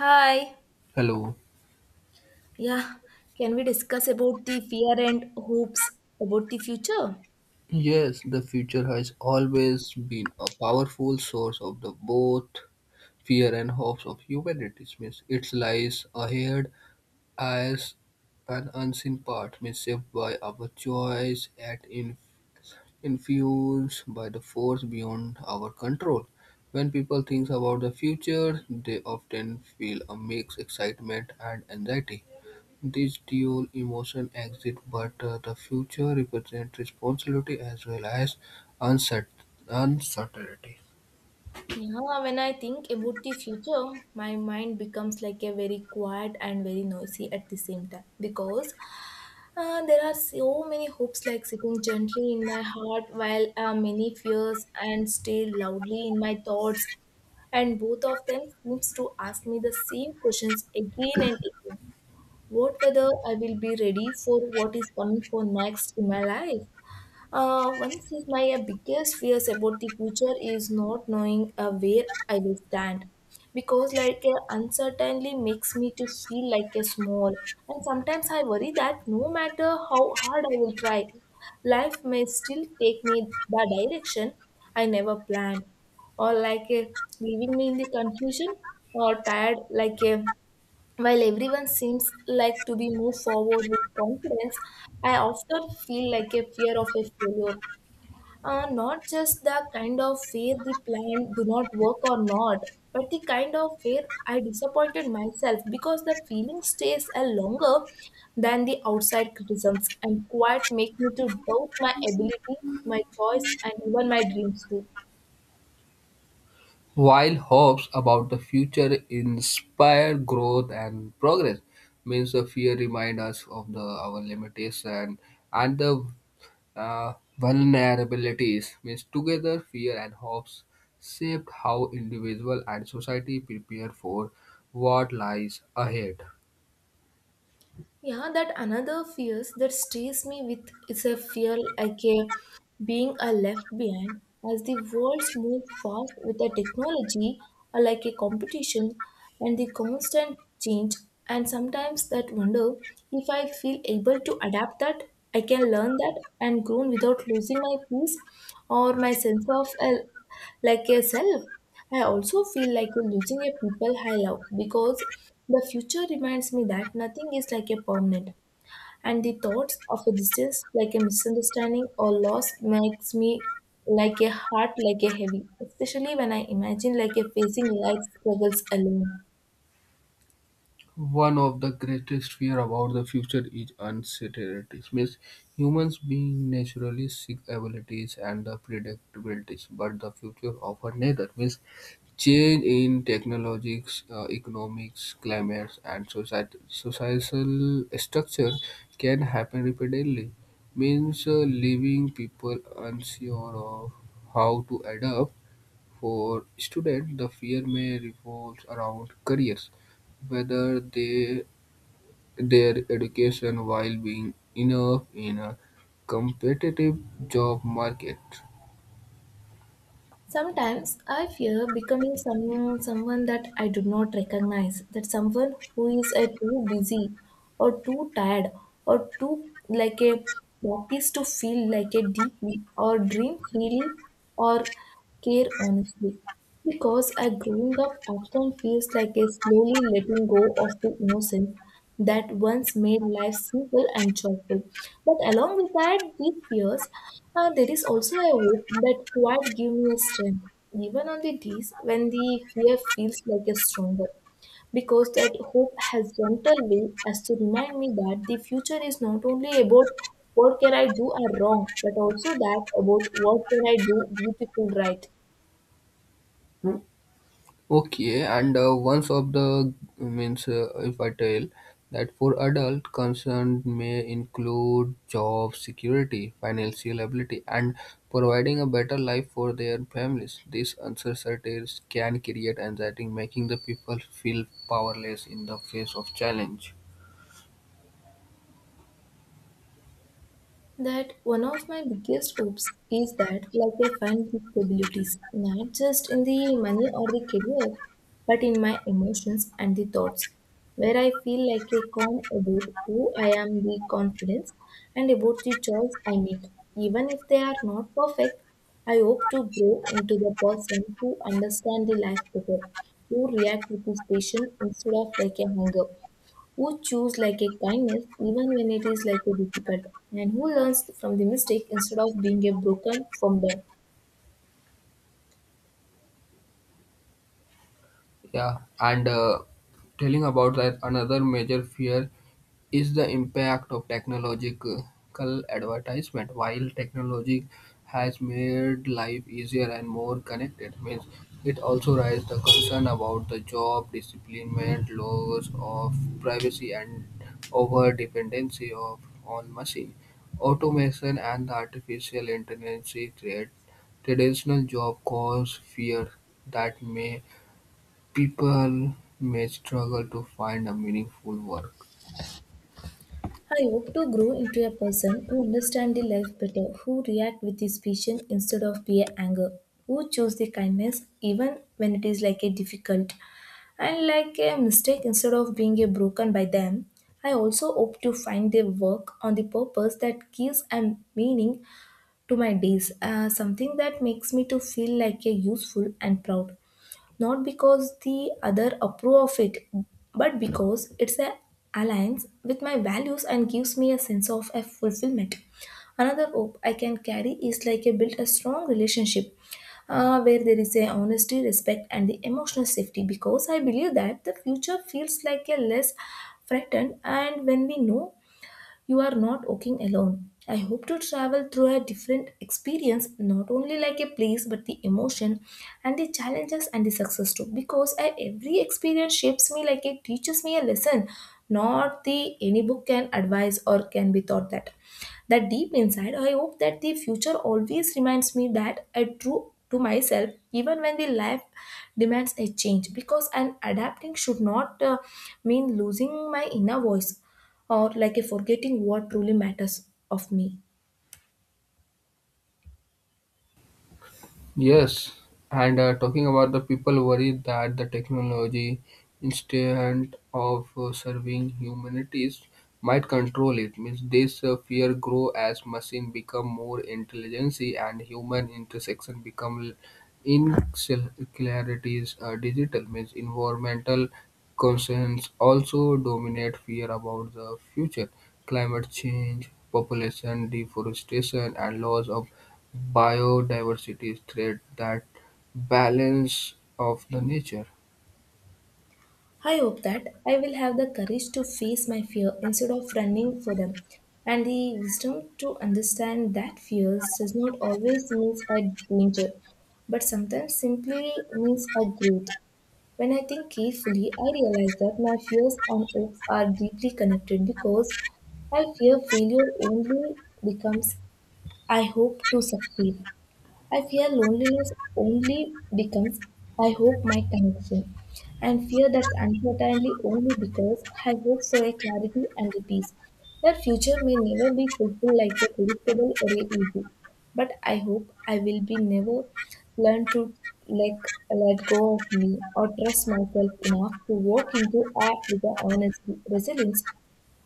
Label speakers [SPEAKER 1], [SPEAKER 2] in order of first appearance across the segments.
[SPEAKER 1] Hi.
[SPEAKER 2] Hello.
[SPEAKER 1] Yeah, can we discuss about the fear and hopes about the future?
[SPEAKER 2] Yes, the future has always been a powerful source of the both fear and hopes of humanity. Means it lies ahead as an unseen part, means shaped by our choice and influenced by the force beyond our control. When people think about the future, they often feel a mixed excitement and anxiety. These dual emotion exist, but the future represents responsibility as well as uncert- uncertainty.
[SPEAKER 1] Yeah, when I think about the future, my mind becomes like a very quiet and very noisy at the same time because there are so many hopes like sitting gently in my heart while many fears and stay loudly in my thoughts and both of them seems to ask me the same questions again and again what whether I will be ready for what is coming for next in my life. One of my biggest fears about the future is not knowing where I will stand, because like uncertainty makes me to feel like a small. And sometimes I worry that no matter how hard I will try, life may still take me the direction I never planned, or like leaving me in the confusion or tired like a while everyone seems like to be moved forward with confidence, I often feel like a fear of a failure. Not just the kind of fear the plan do not work or not, but the kind of fear I disappointed myself because the feeling stays a longer than the outside criticisms and quite make me to doubt my ability, my choice, and even my dreams too.
[SPEAKER 2] While hopes about the future inspire growth and progress, means the fear reminds us of the our limitation and the uh, vulnerabilities. Means together, fear and hopes shape how individual and society prepare for what lies ahead.
[SPEAKER 1] Yeah, that another fears that stays me with is a fear like a being a left behind as the world moves fast with the technology or like a competition and the constant change and sometimes that wonder if I feel able to adapt that I can learn that and grow without losing my peace or my sense of like a self. I also feel like losing a people I love because the future reminds me that nothing is like a permanent, and the thoughts of a distance, like a misunderstanding or loss, makes me like a heart like a heavy, especially when I imagine like a facing life struggles alone.
[SPEAKER 2] One of the greatest fear about the future is uncertainty. Means humans being naturally seek abilities and the predictabilities, but the future often neither. Means change in technologies, economics, climates, and society, societal structure can happen repeatedly. Means leaving people unsure of how to adapt for students, the fear may revolve around careers, whether they, their education while being enough in a competitive job market.
[SPEAKER 1] Sometimes I fear becoming someone that I do not recognize, that someone who is too busy or too tired or too like a practice to feel like a deeply or dream freely or care honestly. Because a growing up often feels like a slowly letting go of the innocence that once made life simple and joyful. But along with that, these fears, there is also a hope that quite give me a strength, even on the days when the fear feels like a stronger. Because that hope has gentle way as to remind me that the future is not only about what can I do are wrong, but also that about what can I do beautiful right.
[SPEAKER 2] Okay, and once of the means if I tell that for adult concern may include job security, financial ability, and providing a better life for their families. These uncertainties can create anxiety, making the people feel powerless in the face of challenge.
[SPEAKER 1] That one of my biggest hopes is that like I find the stabilities not just in the money or the career but in my emotions and the thoughts where I feel like a calm about who I am the confidence and about the choice I make even if they are not perfect. I hope to grow into the person who understand the life better, who react with this patience instead of like a hunger, who choose like a kindness even when it is like a difficult, and who learns from the mistake instead of being a broken from them.
[SPEAKER 2] Yeah, and telling about that another major fear is the impact of technological advertisement. While technology has made life easier and more connected, means it also raises the concern about the job displacement, loss of privacy, and over dependency of on machine automation and the artificial intelligence create traditional job cause fear that may people may struggle to find a meaningful work.
[SPEAKER 1] I hope to grow into a person who understands the life better, who react with his patience instead of be anger, who choose the kindness even when it is like a difficult and like a mistake instead of being a broken by them. I also hope to find a work on the purpose that gives a meaning to my days, something that makes me to feel like a useful and proud, not because the other approve of it but because it's a alliance with my values and gives me a sense of a fulfillment. Another hope I can carry is like a build a strong relationship, where there is a honesty respect and the emotional safety because I believe that the future feels like a less threatened and when we know you are not walking alone. I hope to travel through a different experience, not only like a place, but the emotion and the challenges and the success too. Because every experience shapes me like it teaches me a lesson, not the any book can advise or can be taught that. That deep inside, I hope that the future always reminds me that I true to myself even when the life demands a change because an adapting should not mean losing my inner voice or like a forgetting what truly matters of me.
[SPEAKER 2] Yes, and talking about the people worry that the technology, instead of serving humanities, might control it. Means this fear grow as machine become more intelligent and human intersection become in clarities digital means environmental concerns also dominate fear about the future: climate change, population, deforestation, and loss of biodiversity threat that balance of the nature.
[SPEAKER 1] I hope that I will have the courage to face my fear instead of running for them and the wisdom to understand that fears does not always mean a danger but sometimes simply means a growth. When I think carefully, I realize that my fears and hopes are deeply connected because I fear failure only becomes I hope to succeed. I fear loneliness only becomes I hope my connection, and fear that's uncertainly only because I hope for a clarity and a peace. That future may never be fulfilled like a predictable or a easy, but I hope I will be never learn to like let go of me or trust myself enough to walk into act with an honesty, resilience,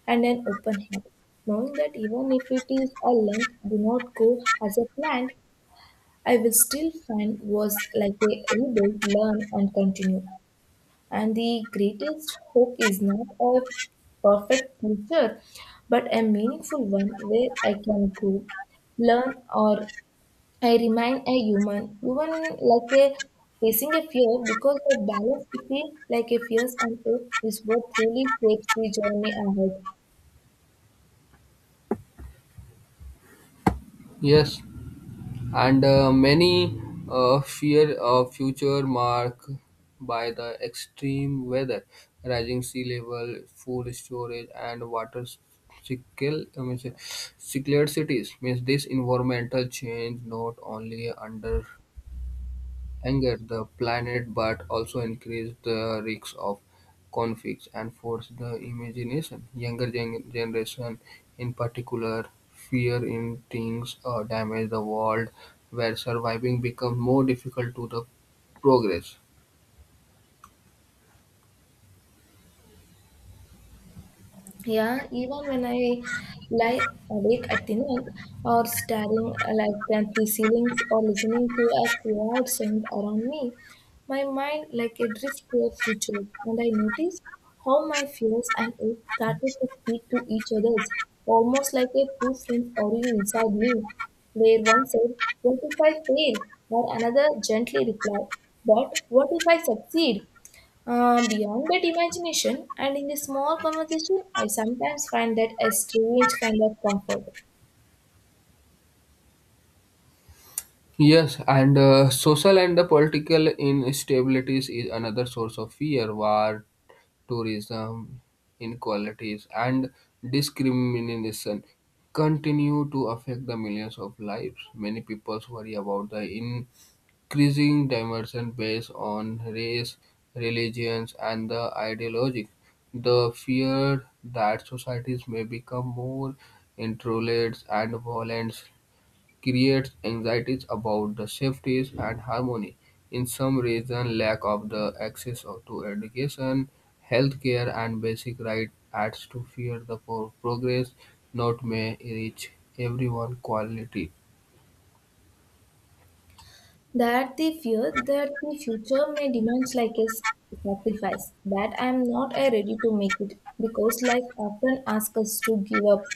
[SPEAKER 1] and an open heart, knowing that even if it is a length do not go as a planned, I will still find was like a rebuild, learn, and continue. And the greatest hope is not a perfect future, but a meaningful one where I can grow, learn, or I remain a human, even like a facing a fear, because the balance between like a fears and hope is what truly shapes the journey ahead.
[SPEAKER 2] Yes, and many fear a future marked by the extreme weather, rising sea level, food storage, and water scarcity. I mean, scarcity. Means this environmental change not only under. Anger the planet but also increase the risks of conflicts and force the imagination. Younger generation, in particular, fear instincts damage the world where surviving becomes more difficult to the progress.
[SPEAKER 1] Yeah, even when I lie awake at the night or staring like at the ceilings or listening to a weird sound around me, my mind like a drift to a future and I notice how my fears and hopes started to speak to each other's almost like a two friends arguing inside me, where one said, "What if I fail?" Or another gently replied, "But what if I succeed?" Beyond that imagination and in a small conversation, I sometimes find that a strange kind of comfort.
[SPEAKER 2] Yes, and social and the political instabilities is another source of fear. War, tourism, inequalities, and discrimination continue to affect the millions of lives. Many people worry about the increasing dimension based on race, religions, and the ideology. The fear that societies may become more intolerant and violent creates anxieties about the safety and harmony. In some regions, lack of the to education, healthcare, and basic rights adds to fear the progress not may reach everyone quality.
[SPEAKER 1] That the fear that the future may demand like a sacrifice, that I am not ready to make it, because life often asks us to give up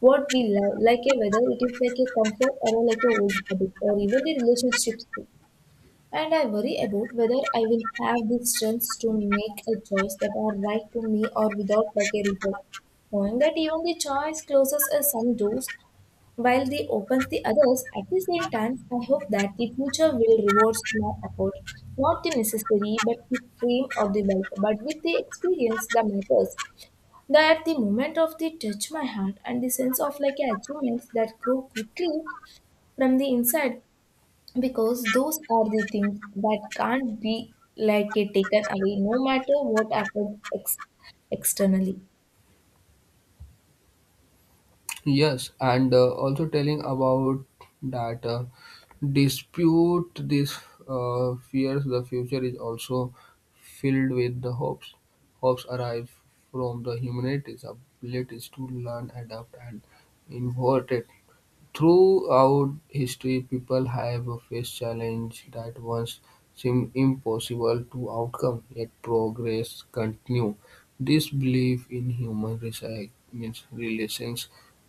[SPEAKER 1] what we love, like a whether it is like a comfort or like a old habit or even the relationships. And I worry about whether I will have the strength to make a choice that are right to me or without like a regret. Knowing that even the choice closes us some doors while they opens the others, at the same time, I hope that the future will reward small effort, not the necessary but the frame or the bulk, but with the experience that matters. That the moment of the touch my heart and the sense of like achievements that grow quickly from the inside because those are the things that can't be like a taken away no matter what happens externally.
[SPEAKER 2] Yes, and also telling about that dispute these fears, the future is also filled with the hopes. Hopes arise from the humanity's abilities to learn, adapt, and innovate. Throughout history, people have faced challenges that once seemed impossible to outcome. Yet progress continue. This belief in human means relations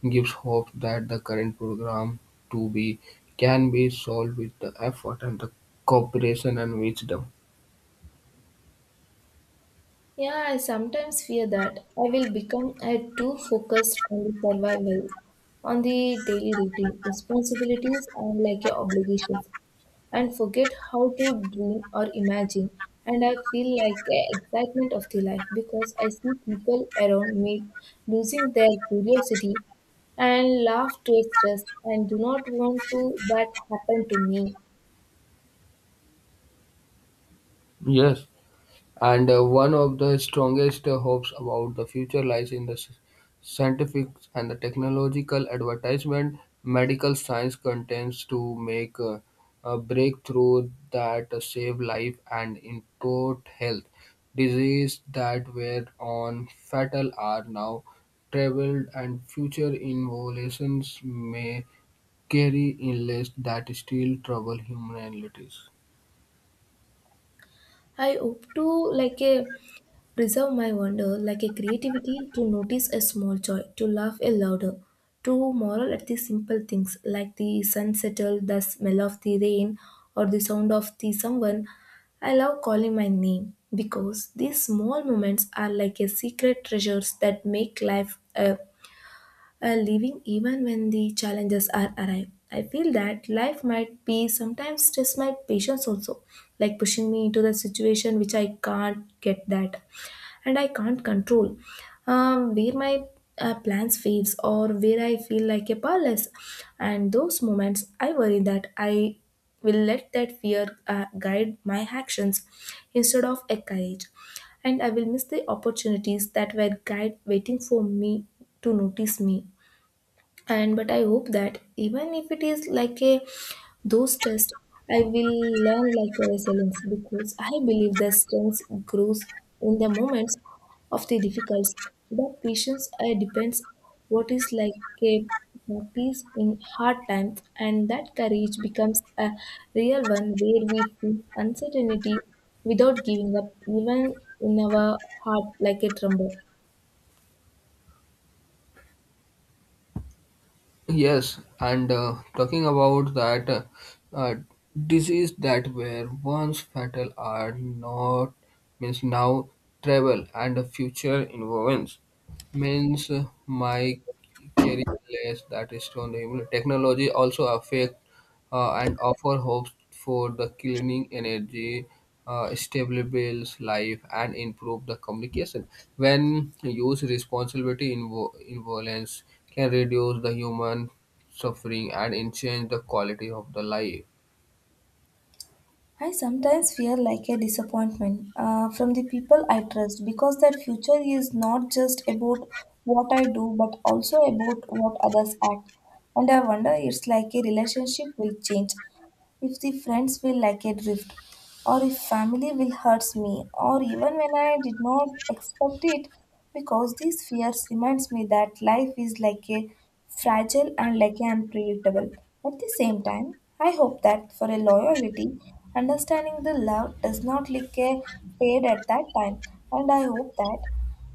[SPEAKER 2] gives hope that the current program to be can be solved with the effort and the cooperation and wisdom.
[SPEAKER 1] Yeah, I sometimes fear that I will become a too focused on the survival, on the daily routine responsibilities and like your obligations, and forget how to dream or imagine. And I feel like the excitement of the life because I see people around me losing their curiosity and laugh to express and do not want to that happen to me.
[SPEAKER 2] Yes. And one of the strongest hopes about the future lies in the scientific and the technological advancement. Medical science contends to make a breakthrough that save life and improve health. Diseases that were on fatal are now traveled, and future innovations may carry illness that still trouble humanities.
[SPEAKER 1] I hope to like a preserve my wonder like a creativity to notice a small joy, to laugh a louder, to marvel at the simple things like the sun settle, the smell of the rain, or the sound of the someone I love calling my name, because these small moments are like a secret treasures that make life a living even when the challenges are arrive. I feel that life might be sometimes test my patience also, like pushing me into the situation which I can't get that, and I can't control, where my plans fails or where I feel like a powerless. And those moments, I worry that I will let that fear guide my actions instead of a courage, and I will miss the opportunities that were guide waiting for me to notice me. And but I hope that even if it is like a those tests, I will learn like a resilience, because I believe the strength grows in the moments of the difficulties. But patience depends what is like a peace in hard times, and that courage becomes a real one where we feel uncertainty without giving up even in our heart like a tremble.
[SPEAKER 2] Yes, and talking about that, uh, disease that were once fatal are not means now travel and the future involvements means my career less that is on the technology also affect and offer hopes for the cleaning energy, stabilize life, and improve the communication. When used, responsibility involence can reduce the human suffering and enhance the quality of the life.
[SPEAKER 1] I sometimes feel like a disappointment from the people I trust, because that future is not just about what I do but also about what others act. And I wonder it's like a relationship will change if the friends feel like a drift, or if family will hurts me, or even when I did not expect it, because these fears reminds me that life is like a fragile and like a unpredictable. At the same time, I hope that for a loyalty, understanding the love does not like a fade at that time, and I hope that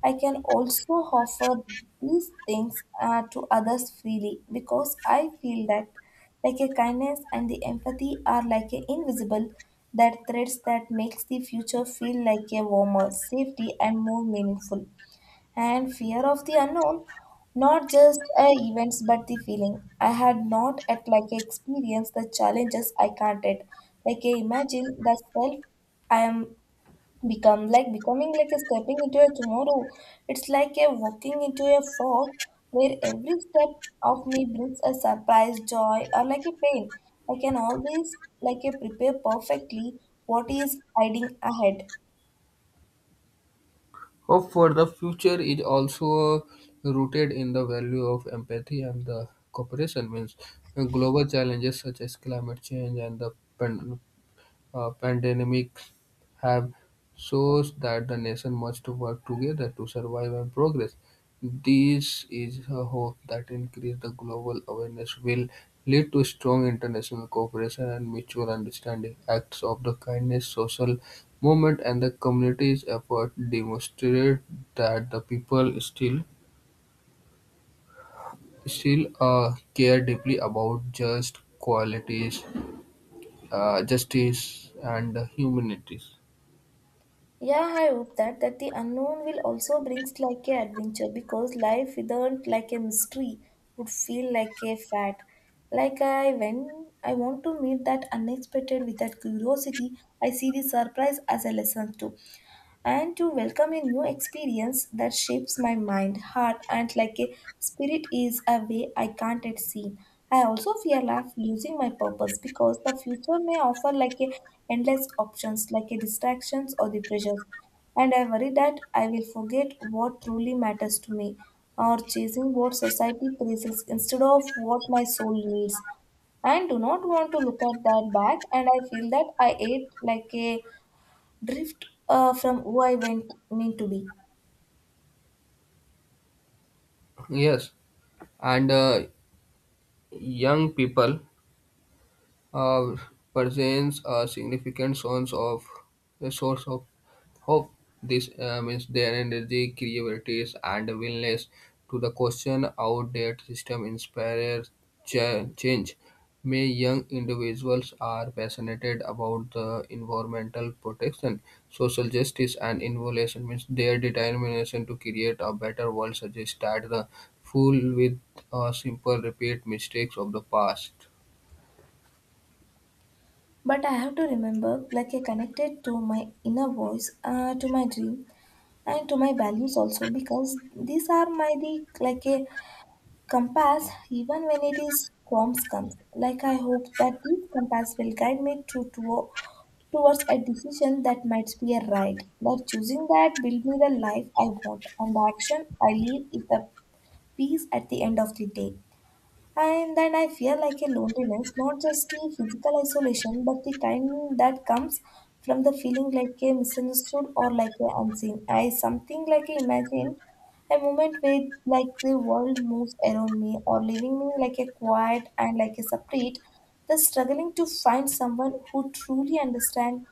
[SPEAKER 1] I can also offer these things to others freely, because I feel that like a kindness and the empathy are like a invisible that threads that makes the future feel like a warmer, safety and more meaningful. And fear of the unknown, not just events but the feeling. I had not at like experienced the challenges I can't yet. Like I imagine the self I am become like becoming like a stepping into a tomorrow, it's like a walking into a fog where every step of me brings a surprise joy or like a pain. I can always like a prepare perfectly what is hiding ahead.
[SPEAKER 2] Hope for the future is also rooted in the value of empathy and the cooperation. Means global challenges such as climate change and the pan- pandemics have shows that the nation must work together to survive and progress. This is a hope that increase the global awareness will lead to strong international cooperation and mutual understanding. Acts of the kindness, social movement, and the community's effort demonstrate that the people still care deeply about just qualities, justice, and humanities.
[SPEAKER 1] Yeah, I hope that the unknown will also brings like a adventure, because life without like a mystery would feel like a fad. Like I when I want to meet that unexpected with that curiosity, I see the surprise as a lesson too. And to welcome a new experience that shapes my mind, heart, and like a spirit is a way I can't yet see. I also fear life losing my purpose, because the future may offer like a endless options, like a distractions or the pressures, and I worry that I will forget what truly matters to me, or chasing what society praises instead of what my soul needs, and do not want to look at that back, and I feel that I ate like a drift from who I went, mean to be.
[SPEAKER 2] Yes, and young people uh, presents a significant source of hope. This means their energy, creativity, and willingness to the question outdated system inspires change. May young individuals are passionate about the environmental protection, social justice, and innovation. Means their determination to create a better world suggests that the fool with a simple repeat mistakes of the past.
[SPEAKER 1] But I have to remember, like I connected to my inner voice, to my dream, and to my values also, because these are my the like a compass, even when it is storms comes. Like I hope that this compass will guide me to towards a decision that might be a right. But choosing that build me the life I want, and the action I live is the peace at the end of the day. And then I feel like a loneliness, not just the physical isolation, but the kind that comes from the feeling like a misunderstood or like a unseen. I something like I imagine a moment where like the world moves around me or leaving me like a quiet and like a separate, thus struggling to find someone who truly understand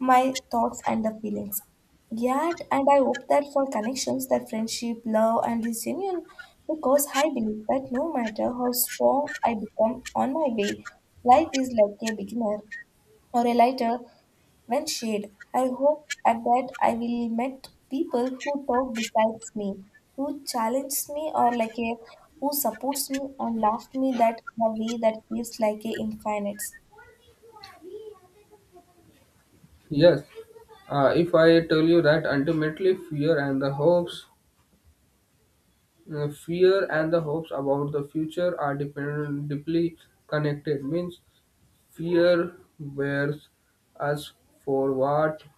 [SPEAKER 1] my thoughts and the feelings. Yet, and I hope that for connections, that friendship, love, and is genuine, because I believe that no matter how strong I become on my way, life is like a beginner or a lighter when shade. I hope at that I will meet people who talk besides me, who challenge me or like a who supports me and laughs me that in a way that feels like a infinite.
[SPEAKER 2] Yes, if I tell you that ultimately fear and the hopes about the future are dependent, deeply connected. Means fear wears us forward,